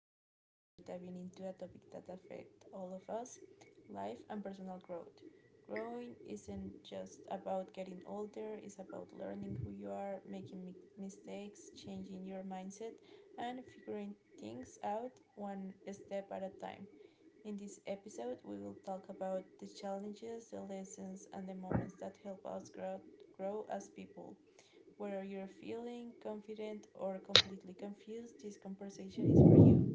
Today we are diving into a topic that affects all of us, life and personal growth. Growing isn't just about getting older, it's about learning who you are, making mistakes, changing your mindset, and figuring things out one step at a time. In this episode, we will talk about the challenges, the lessons, and the moments that help us grow, grow as people. Whether you're feeling confident or completely confused, this conversation is for you.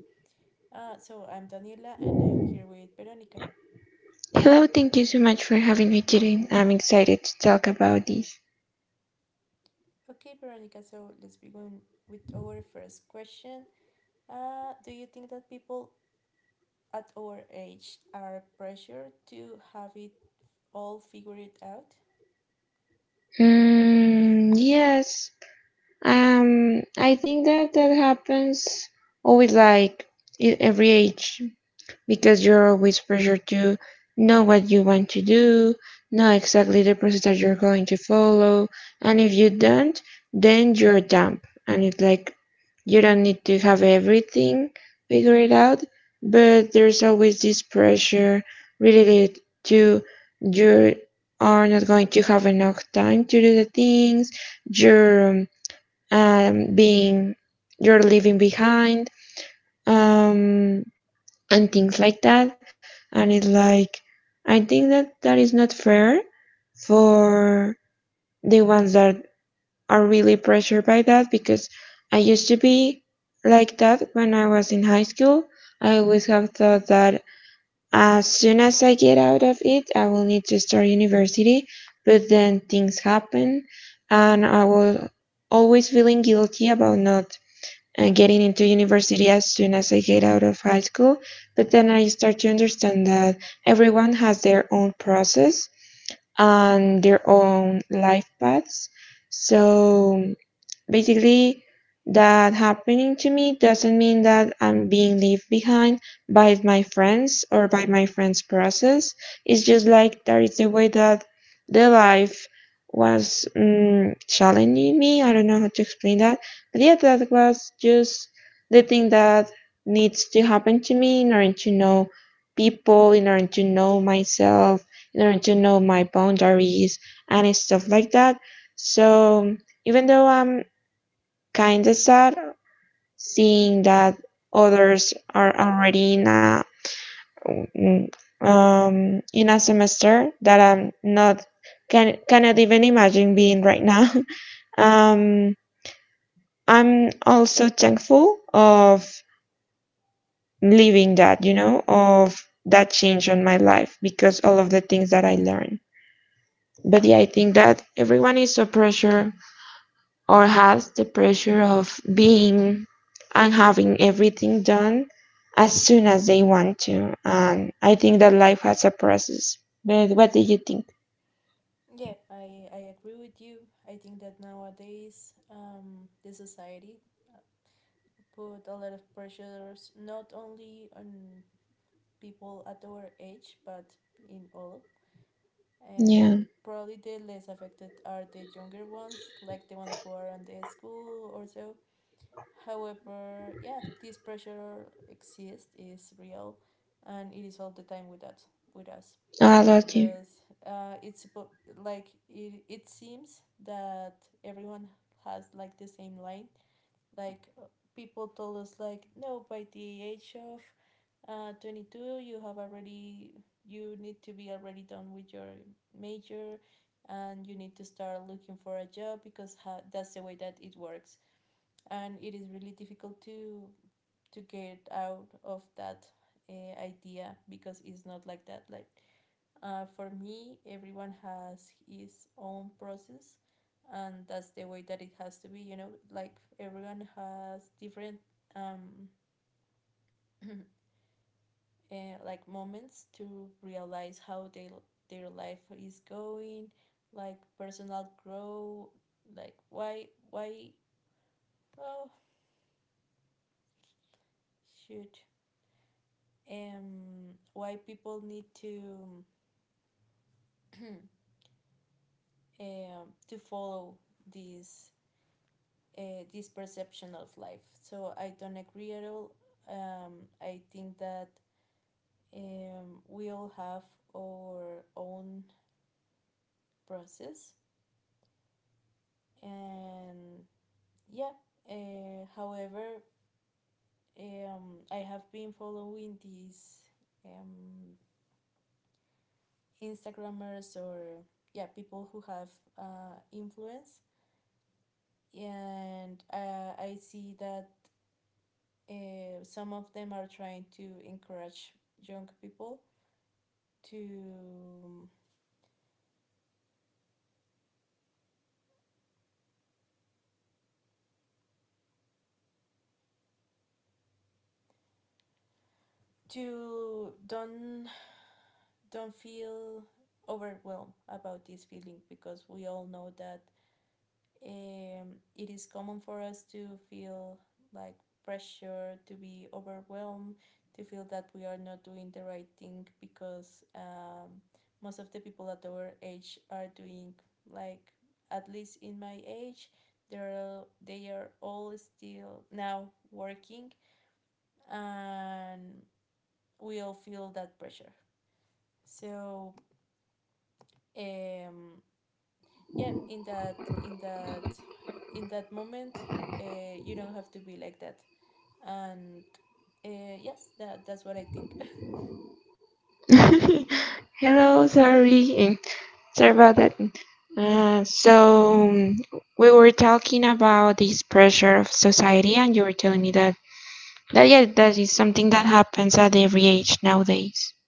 So I'm Daniela and I'm here with Veronica. Hello, thank you so much for having me today. I'm excited to talk about this. Okay, Veronica, so let's begin with our first question. Do you think that people at our age are pressured to have it all figured out? Mm, yes, I think that that happens always like at every age because you're always pressured to know what you want to do, know exactly the process that you're going to follow, and if you don't, then you're dumb. And it's like you don't need to have everything figured out, but there's always this pressure related to you are not going to have enough time to do the things, you're um, being, you're leaving behind. Um, and things like that. And it's like, I think that that is not fair for the ones that are really pressured by that because I used to be like that when I was in high school. I always have thought that as soon as I get out of it, I will need to start university, but then things happen and I was always feeling guilty about not and getting into university as soon as I get out of high school. But then I start to understand that everyone has their own process and their own life paths. So basically, that happening to me doesn't mean that I'm being left behind by my friends or by my friends' process. It's just like that is the way that the life was challenging me. I don't know how to explain that. But yeah, that was just the thing that needs to happen to me in order to know people, in order to know myself, in order to know my boundaries and stuff like that. So even though I'm kinda sad seeing that others are already mm, in a semester that I'm not cannot even imagine being right now. um I'm also thankful of living that, of that change on my life because all of the things that I learned. But yeah, I think that everyone is so pressure or has the pressure of being and having everything done as soon as they want to. And I think that life has a process. But what do you think? Yeah, I agree with you. I think that nowadays the society uh, put a lot of pressures not only on people at our age, but in all. Uh, Yeah. probably the less affected are the younger ones, like the ones who are on the school or so. However, yeah, this pressure exists, is real, and it is all the time with that with us, Oh, I love you. because it's like it seems that everyone has like the same line. Like people told us like no, by the Hello. age of 22, you have already you need to be already done with your major, and you need to start looking for a job because Um, that's the way that it works. And it is really difficult to get out of that idea, because it's not like that, like for me everyone has his own process and that's the way that it has to be, you know, like everyone has different um uh, like moments to realize how their life is going, like personal growth. Like why oh shoot, why people need to um to follow this this perception of life. So I don't agree at all. I think that we all have our own process, and yeah. However, I have been following these um, Instagrammers, or yeah, people who have influence, and I see that some of them are trying to encourage young people to to don't don't feel overwhelmed about this feeling, because we all know that it is common for us to feel like pressure, to be overwhelmed, to feel that we are not doing the right thing, because most of the people at our age are doing, like, at least in my age, they are all still now working, and we all feel that pressure. So um yeah, in that moment, you don't have to be like that. And yes, that's what I think. Hello, sorry, and sorry about that. So we were talking about this pressure of society, and you were telling me that yeah, that is something that happens at every age nowadays.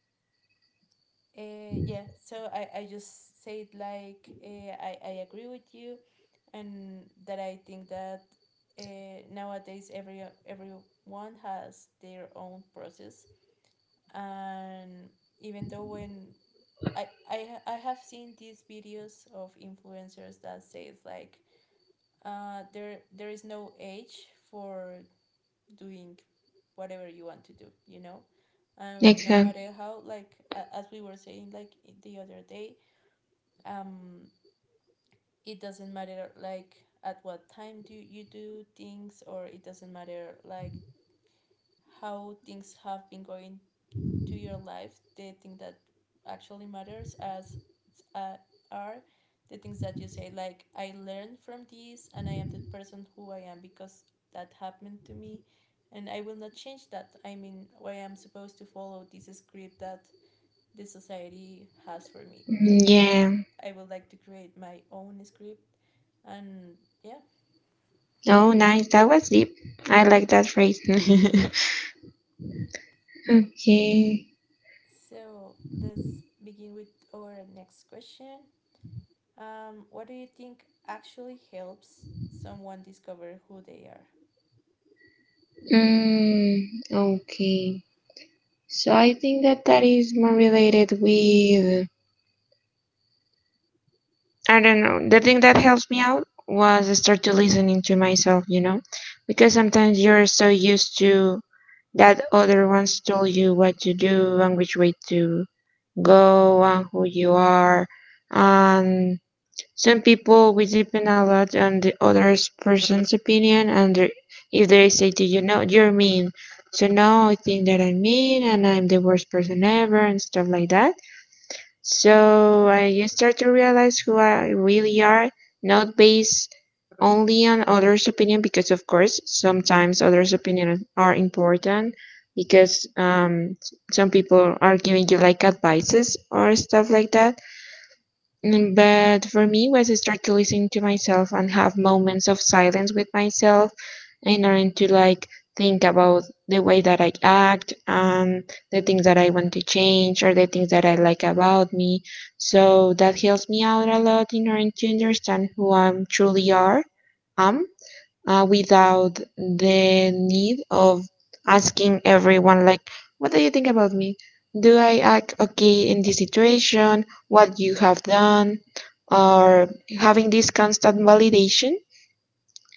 Yeah, so I just said like I agree with you, and that I think that nowadays everyone has their own process. And even though, when I have seen these videos of influencers that says like there is no age for doing whatever you want to do, you know, and no Exactly. matter how, like, as we were saying like the other day, um it doesn't matter, like at what time do you do things, or it doesn't matter like how things have been going to your life. The thing that actually matters as uh, are the things that you say, like I learned from this and I am the person who I am because that happened to me, and I will not change that. I mean, why I'm supposed to follow this script that the society has for me? Like, Yeah. I would like to create my own script. And yeah, Oh, nice. That was deep. I like that phrase. Okay. so let's begin with our next question. What do you think actually helps someone discover who they are? Mm, okay. So I think that that is more related with, I don't know. The thing that helps me out was I start to listening to myself, you know, because sometimes you're so used to that other ones told you what to do and which way to go and who you are. And some people we depend a lot on the other person's opinion and if they say to you, no, you're mean. So now I think that I'm mean and I'm the worst person ever and stuff like that, so I just start to realize who I really are, not based only on others' opinion, because of course sometimes others' opinion are important, because some people are giving you like advices or stuff like that. But for me, was I start to listen to myself and have moments of silence with myself in order to like think about the way that I act and the things that I want to change or the things that I like about me. So that helps me out a lot in order to understand who I am truly are. Am Without the need of asking everyone like, what do you think about me, do I act okay in this situation, what you have done, or having this constant validation,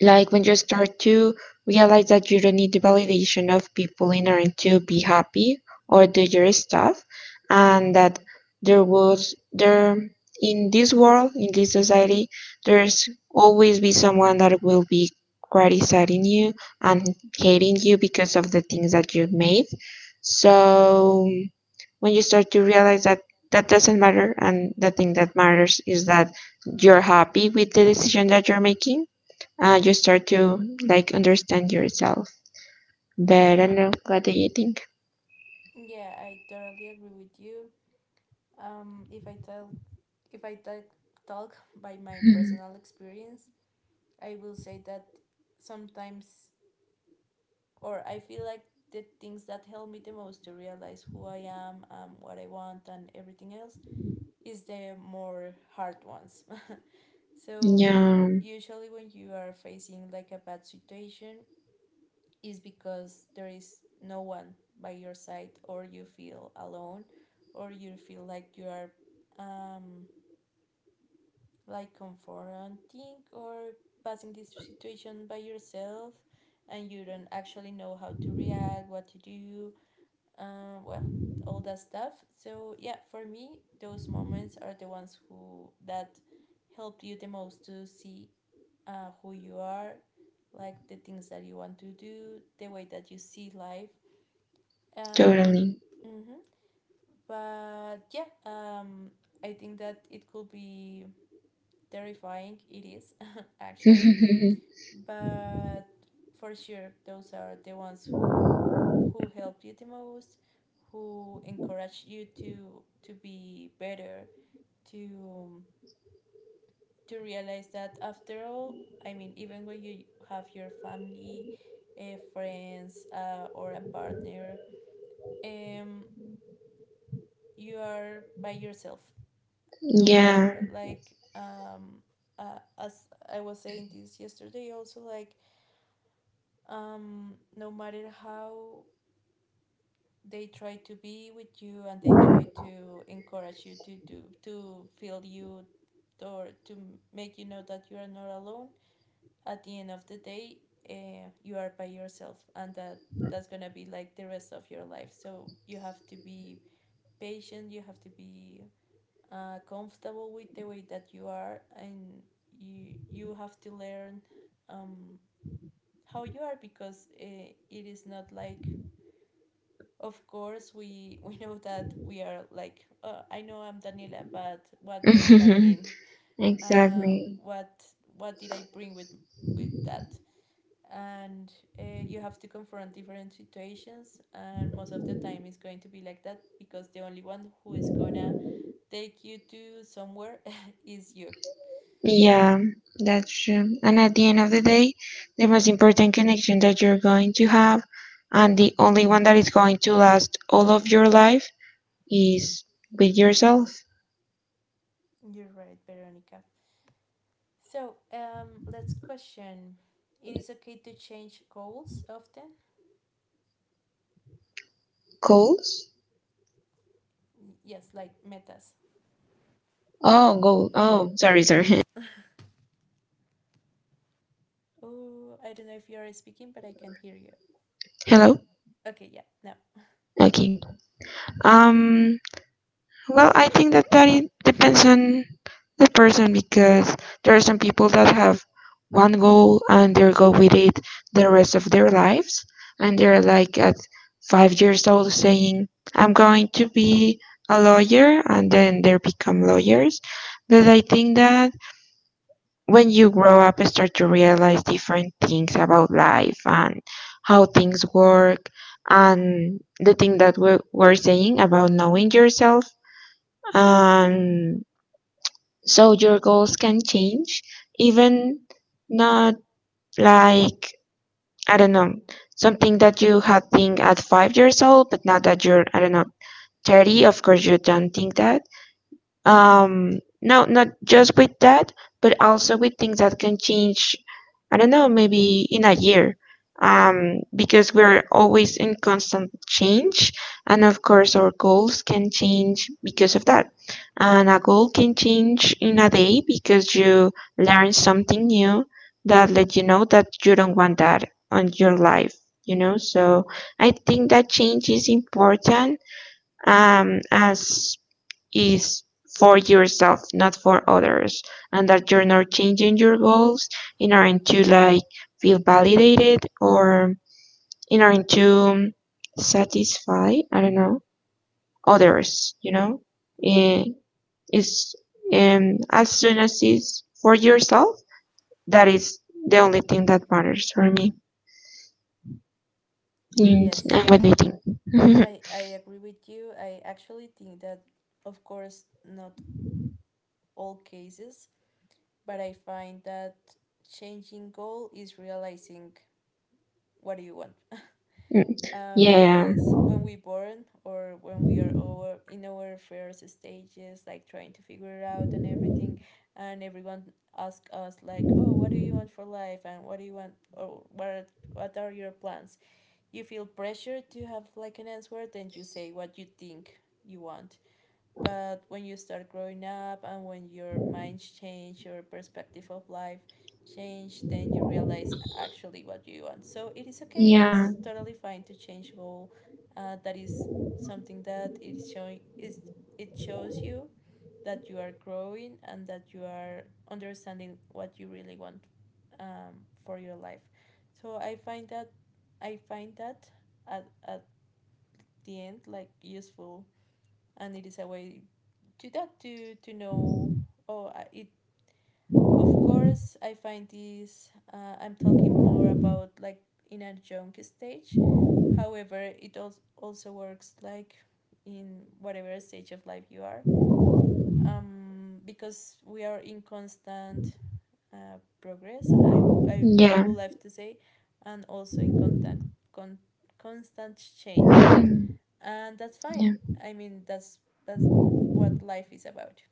like when you start to realize that you don't need the validation of people in order to be happy or do your stuff, and that there was there, in this world, in this society, there's always be someone that will be criticizing you and hating you because of the things that you've made. So when you start to realize that that doesn't matter, and the thing that matters is that you're happy with the decision that you're making, you start to like understand yourself. But I don't know. What do you think? Yeah, I totally agree with you. Um, if I tell, if I talk by my personal experience, I will say that sometimes, or I feel like, the things that help me the most to realize who I am, what I want, and everything else is the more hard ones. So you, Yeah, usually when you are facing like a bad situation, is because there is no one by your side, or you feel alone, or you feel like you are um, like confronting or passing this situation by yourself, and you don't actually know how to react, what to do, well, all that stuff. So yeah, for me those moments are the ones who that helped you the most to see who you are, like the things that you want to do, the way that you see life. Um, totally. hmm But yeah, I think that it could be terrifying. It is actually, but for sure, those are the ones who help you the most, who encourage you to be better, to realize that after all, I mean, even when you have your family, friends, or a partner, um, you are by yourself, no Yeah. matter like as I was saying this yesterday also, like no matter how they try to be with you and they try to encourage you to do, to feel you, or to make you know that you are not alone, at the end of the day you are by yourself, and that that's gonna be like the rest of your life. So you have to be patient, you have to be comfortable with the way that you are, and you have to learn um, how you are, because it is not like, of course we we know that we are, like, I know I'm Daniela, but what does that mean? uh, Exactly. what what did I bring with that? And you have to confront different situations, and most of the time it's going to be like that, because the only one who is gonna take you to somewhere is you. Yeah, that's true. And at the end of the day, the most important connection that you're going to have, and the only one that is going to last all of your life, is with yourself. You're right, Veronica. So let's question. It is okay to change goals often? Goals? Yes, like metas. Oh, goal. Oh, sorry, sorry. Oh, I don't know if you are speaking, but I can hear you. Hello. Okay, yeah, no, Okay. Um. Well, I think that it depends on the person because there are some people that have one goal and they go with it the rest of their lives, and they're like at 5 years old saying, "I'm going to be a lawyer," and then they become lawyers. But I think that when you grow up, you start to realize different things about life and how things work, and the thing that we're saying about knowing yourself. um so your goals can change, even not like, I don't know, something that you had think at 5 years old, but now that you're, I don't know, 30, of course you don't think that. No, not just with that, but also with things that can change, I don't know, maybe in a year, because we're always in constant change, and of course our goals can change because of that. And a goal can change in a day because you learn something new that let you know that you don't want that on your life, you know. So I think that change is important, as is for yourself, not for others, and that you're not changing your goals in order to like feel validated or in order to satisfy, I don't know, others, you know? no. Eh, It's, as soon as it's for yourself, that is the only thing that matters for me. And, Yes, and what do you think? I agree with you. I actually think that, of course, not all cases, but I find that changing goal is realizing what do you want, Yeah, because when we born, or when we are over in our first stages, like trying to figure it out and everything, and everyone ask us, like, oh, what do you want for life, and what do you want, or what are your plans? You feel pressure to have like an answer, then you say what you think you want. But when you start growing up and when your minds change, your perspective of life change, then you realize actually what you want. So it is okay, it yeah, is totally fine to change goal. That is something that it is showing, is it shows you that you are growing and that you are understanding what you really want, for your life. So I find that at the end, like, useful, and it is a way to that to know, oh, I- it of course I find this, I'm talking more about like in a young stage, however it also works like in whatever stage of life you are, because we are in constant progress, I yeah. would have to say, and also in con- constant change, and that's fine. Yeah. I mean, that's what life is about.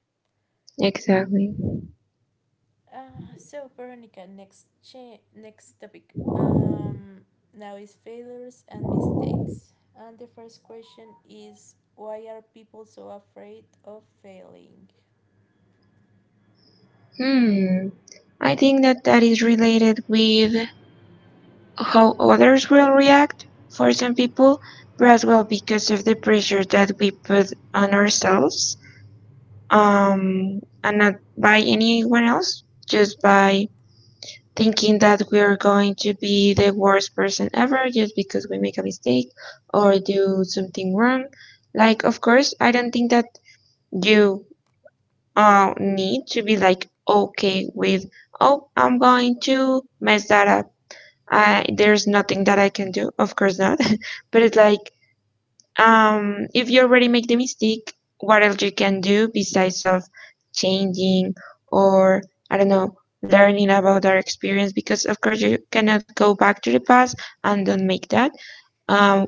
Exactly. So, Veronica, next topic. Now is failures and mistakes. And the first question is, why are people so afraid of failing? Hmm. I think that that is related with how others will react. For some people, but as well because of the pressure that we put on ourselves, and not by anyone else, just by thinking that we are going to be the worst person ever just because we make a mistake or do something wrong. Like, of course, I don't think that you need to be like okay with, oh, I'm going to mess that up, I there's nothing that I can do. Of course not. But it's like, if you already make the mistake, what else you can do besides of changing or, I don't know, learning about our experience, because of course you cannot go back to the past and don't make that. Um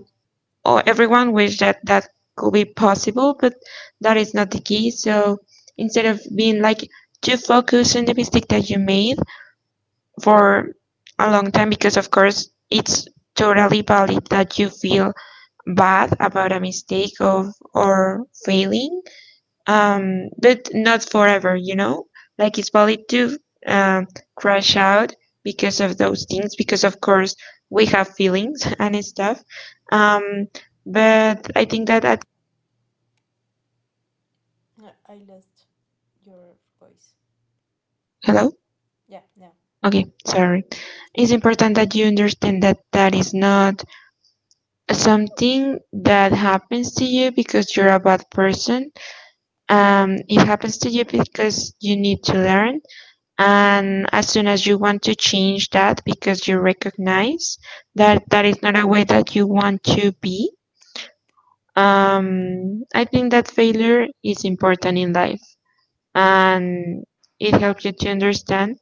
or everyone wish that that could be possible, but that is not the key. So instead of being like too focused on the mistake that you made, for a long time, because of course it's totally valid that you feel bad about a mistake of or failing, um but not forever, you know, like it's valid to um crash out because of those things, because of course we have feelings and stuff, um but I think that at. I lost your voice. Hello. Yeah, now. Okay, Mhm. sorry. It's important that you understand that that is not something that happens to you because you're a bad person. It happens to you because you need to learn. And as soon as you want to change that because you recognize that that is not a way that you want to be, I think that failure is important in life, and it helps you to understand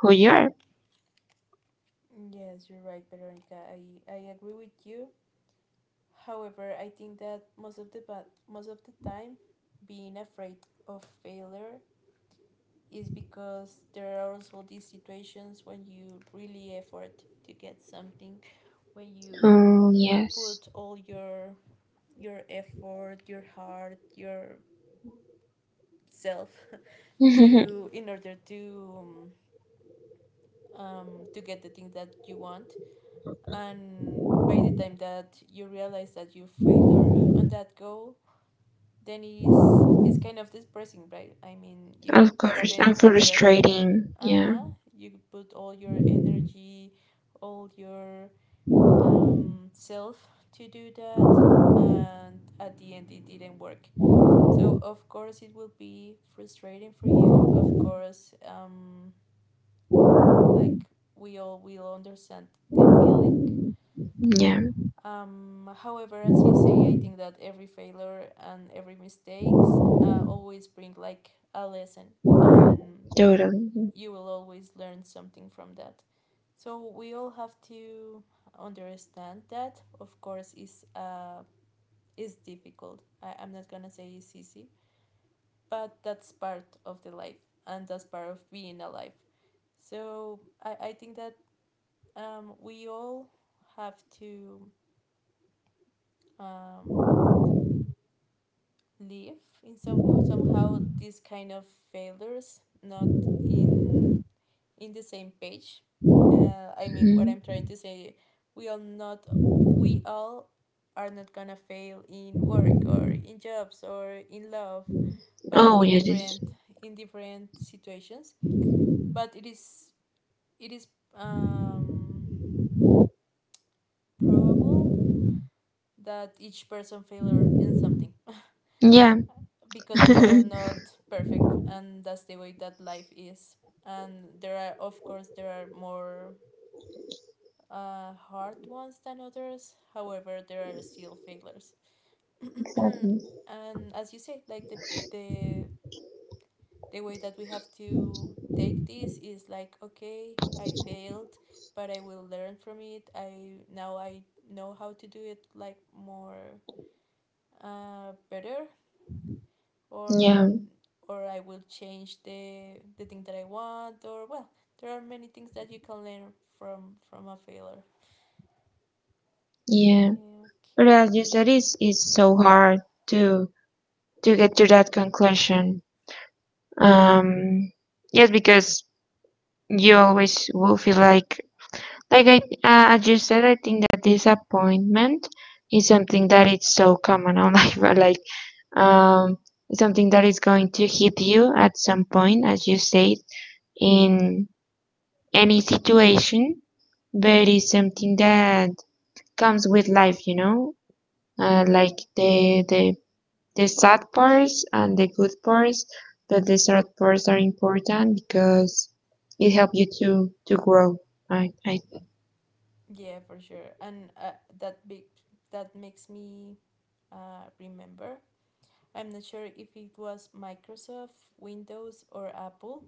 who you are. Yes, you're right, Veronica. I agree with you. However, I think that most of the time, being afraid of failure is because there are also these situations when you really effort to get something, when you Oh, yes. put all your effort, your heart, your self to, in order to get the thing that you want, and by the time that you realize that you failure on that goal, then it's kind of depressing, right? I mean, you Of course, I'm spend a lot of, frustrating. uh Yeah, huh. You put all your energy, all your self to do that, and at the end it didn't work. So of course it will be frustrating for you. Of course, like, we all will understand the feeling. yeah, However, as you say, I think that every failure and every mistakes always bring like a lesson, and totally. you will always learn something from that. So we all have to understand that. Of course, is difficult. I'm not gonna say it's easy, but that's part of the life, and that's part of being alive. So I think that we all have to um live in somehow these kind of failures, not in in the same page. I mean, what Mhm. I'm trying to say, we all not, we all are not gonna fail in work or in jobs or in love, but Oh, in yes, yes. different, in different situations. But it is, it is, um probable that each person failure in something Yeah, because we are exactly. not perfect and that's the way that life is. And there are, of course, there are more hard ones than others. However, there are still failures. And as you say, like the, the the way that we have to take this is like, okay, I failed, but I will learn from it. I know how to do it, like, more better, or Yeah, I will change the thing that I want. Or, well, there are many things that you can learn from a failure. yeah. But Okay. as you said, it's so hard to to get to that conclusion. Um, yes, because you always will feel like, as you said, I think that disappointment is something that is so common on life. But, like, um, it's something that is going to hit you at some point, as you said, in any situation. But it's something that comes with life, like the sad parts and the good parts. But the sad parts are important because it helps you to grow. I Yeah, for sure. And that big, that makes me, remember. I'm not sure if it was Microsoft, Windows, or Apple,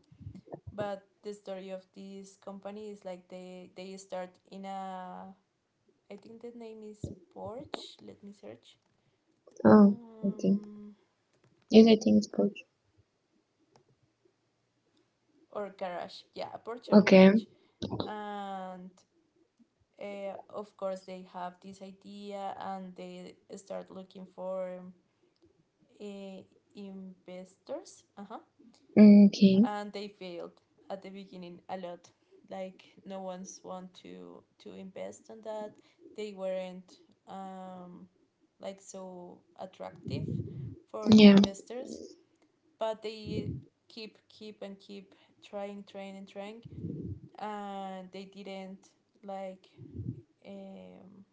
but the story of this company is like, they start in a, I think the name is Porsche. Let me search. Oh, okay, Um, yes, I think it's good. or garage. Yeah, a porch or Okay. garage. And of course, they have this idea and they start looking for uh, investors. Uh-huh. Okay. And they failed at the beginning a lot. Like no one's want to invest on that. They weren't, um, like, so attractive for the Yeah. investors, but they keep trying, trying and trying, and they didn't, like, um,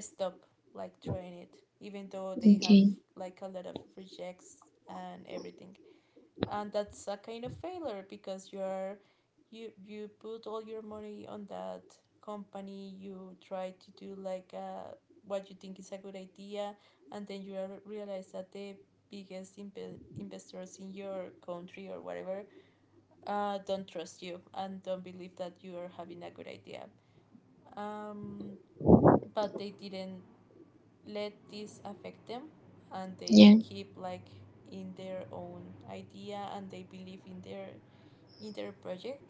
stop, like, trying it, even though they have, Okay. like, a lot of rejects and everything. And that's a kind of failure because you're, you put all your money on that company. You try to do like, what you think is a good idea, and then you realize that the biggest investors in your country or whatever don't trust you and don't believe that you are having a good idea. um, but they didn't let this affect them, and they Yeah. keep, like, in their own idea, and they believe in their, in their project.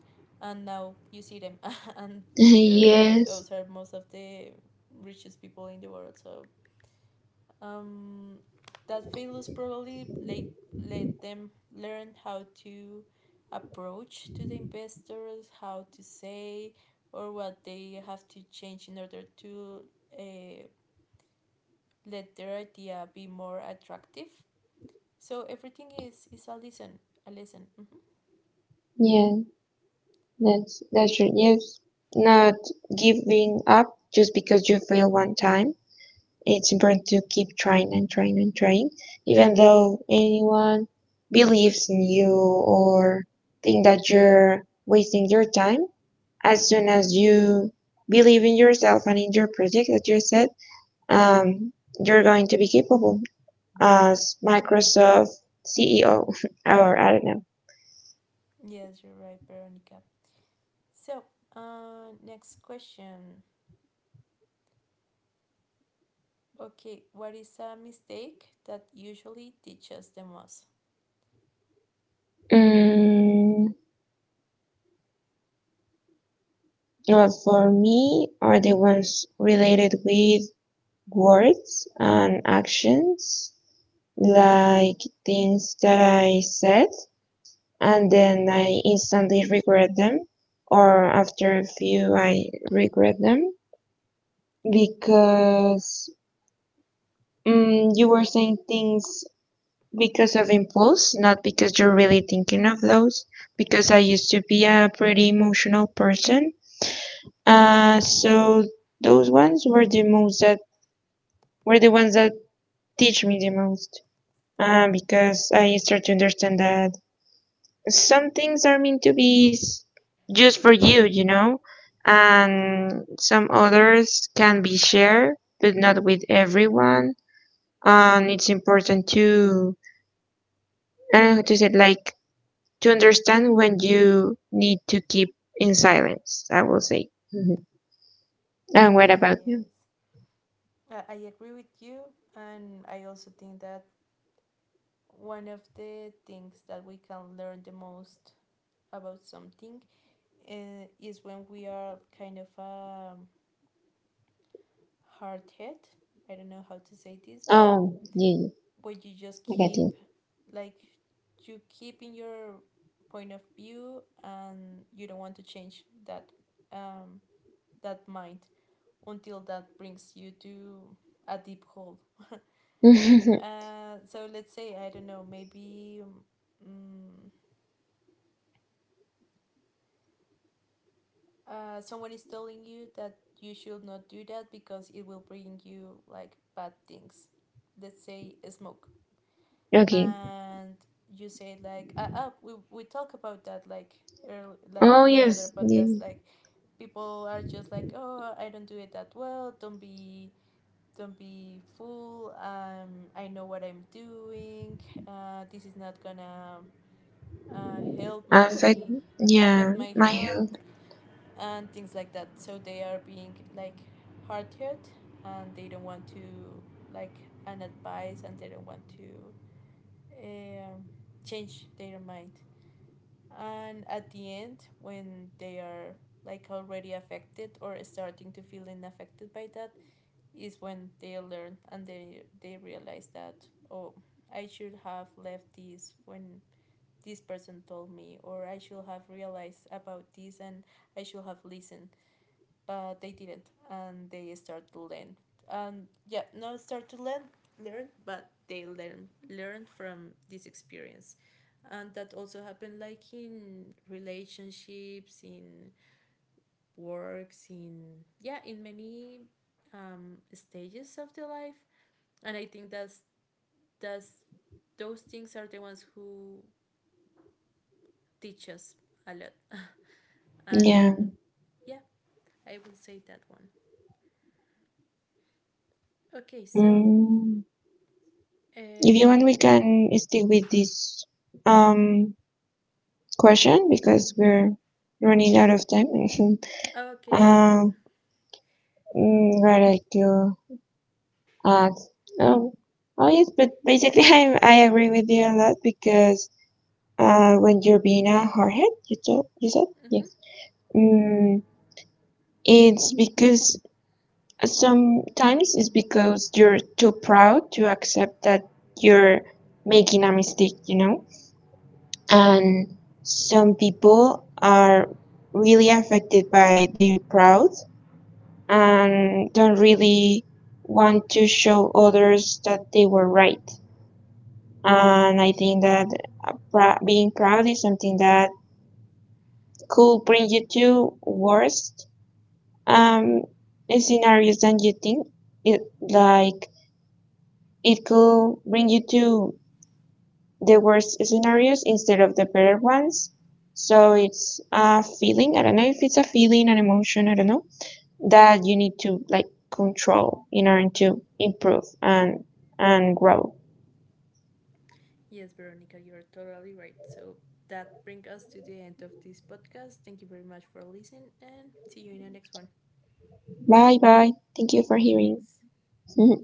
And now you see them and they're, Yes. those are most of the richest people in the world. So, um, that failures probably let, let them learn how to approach to the investors, how to say, or what they have to change in order to uh, let their idea be more attractive. So everything is a lesson, a lesson. Mhm. Yeah. That's true. Yes. Not giving up just because you fail one time. It's important to keep trying and trying and trying, even though anyone believes in you or think that you're wasting your time. As soon as you believe in yourself and in your project that you said, um, you're going to be capable. As Microsoft CEO, or I don't know. Yes, you're right, Veronica. So, next question. Okay, what is a mistake that usually teaches the most? Mm, well, for me, are the ones related with words and actions, like things that I said and then I instantly regret them, or after a few, I regret them. Because you were saying things because of impulse, not because you're really thinking of those. Because I used to be a pretty emotional person, so those ones were the most that were the ones that teach me the most. Because I start to understand that some things are meant to be just for you, and some others can be shared, but not with everyone, and it's important to, I don't know how to say it, like to understand when you need to keep in silence, I will say. Mhm. And what Okay, about you? yes. I agree with you, and I also think that one of the things that we can learn the most about something is when we are kind of hard hit. I don't know how to say this, but Oh, yeah, when you just yeah, I got keep, like, you keep in your point of view and you don't want to change that, um, that mind, until that brings you to a deep hole. you. So let's say, I don't know, maybe, um, someone is telling you that you should not do that because it will bring you, like, bad things. Let's say smoke, Okay. and you say like, we talk about that like earl, like, Oh in another yes, podcast. yeah. Like, people are just like, oh, I don't do it that well, don't be, don't be fool, I know what I'm doing. This is not gonna help my, Affect. Yeah, affect my my health, health. and things like that. So they are being like hard hit, and they don't want to, like, an advice, and they don't want to, um, change their mind. And at the end, when they are like already affected or starting to feeling affected by that, is when they learn, and they realize that, oh, I should have left this when this person told me, or I should have realized about this, and I should have listened. But they didn't, and they start to learn, and yeah, not start to learn, learn, but they learn, learn from this experience. And that also happened, like, in relationships, in works, in, yeah, in many stages of the life. And I think that's, those things are the ones who teach us a lot. Yeah. And yeah, I will say that one. Okay, so, Mm. If you want, Nick. we can stick with this um question because we're running out of time. Oh, okay, yeah. Um, what I do. Uh, oh, oh, yes, but basically I agree with you a lot, because when you're being a hardhead, you said Mm-hmm. yes. Mm, it's because sometimes it's because you're too proud to accept that you're making a mistake, you know. And some people are really affected by their pride and don't really want to show others that they were right. And I think that being proud is something that could bring you to worst, um, scenarios than you think. It, like, it could bring you to the worst scenarios instead of the better ones. So it's a feeling. I don't know if it's a feeling, an emotion. I don't know, that you need to like control in order to improve and grow. Yes, Veronica, you're totally right. So that brings us to the end of this podcast. Thank you very much for listening, and see you in the next one. Bye bye. Thank you for Bye. hearing. Thanks.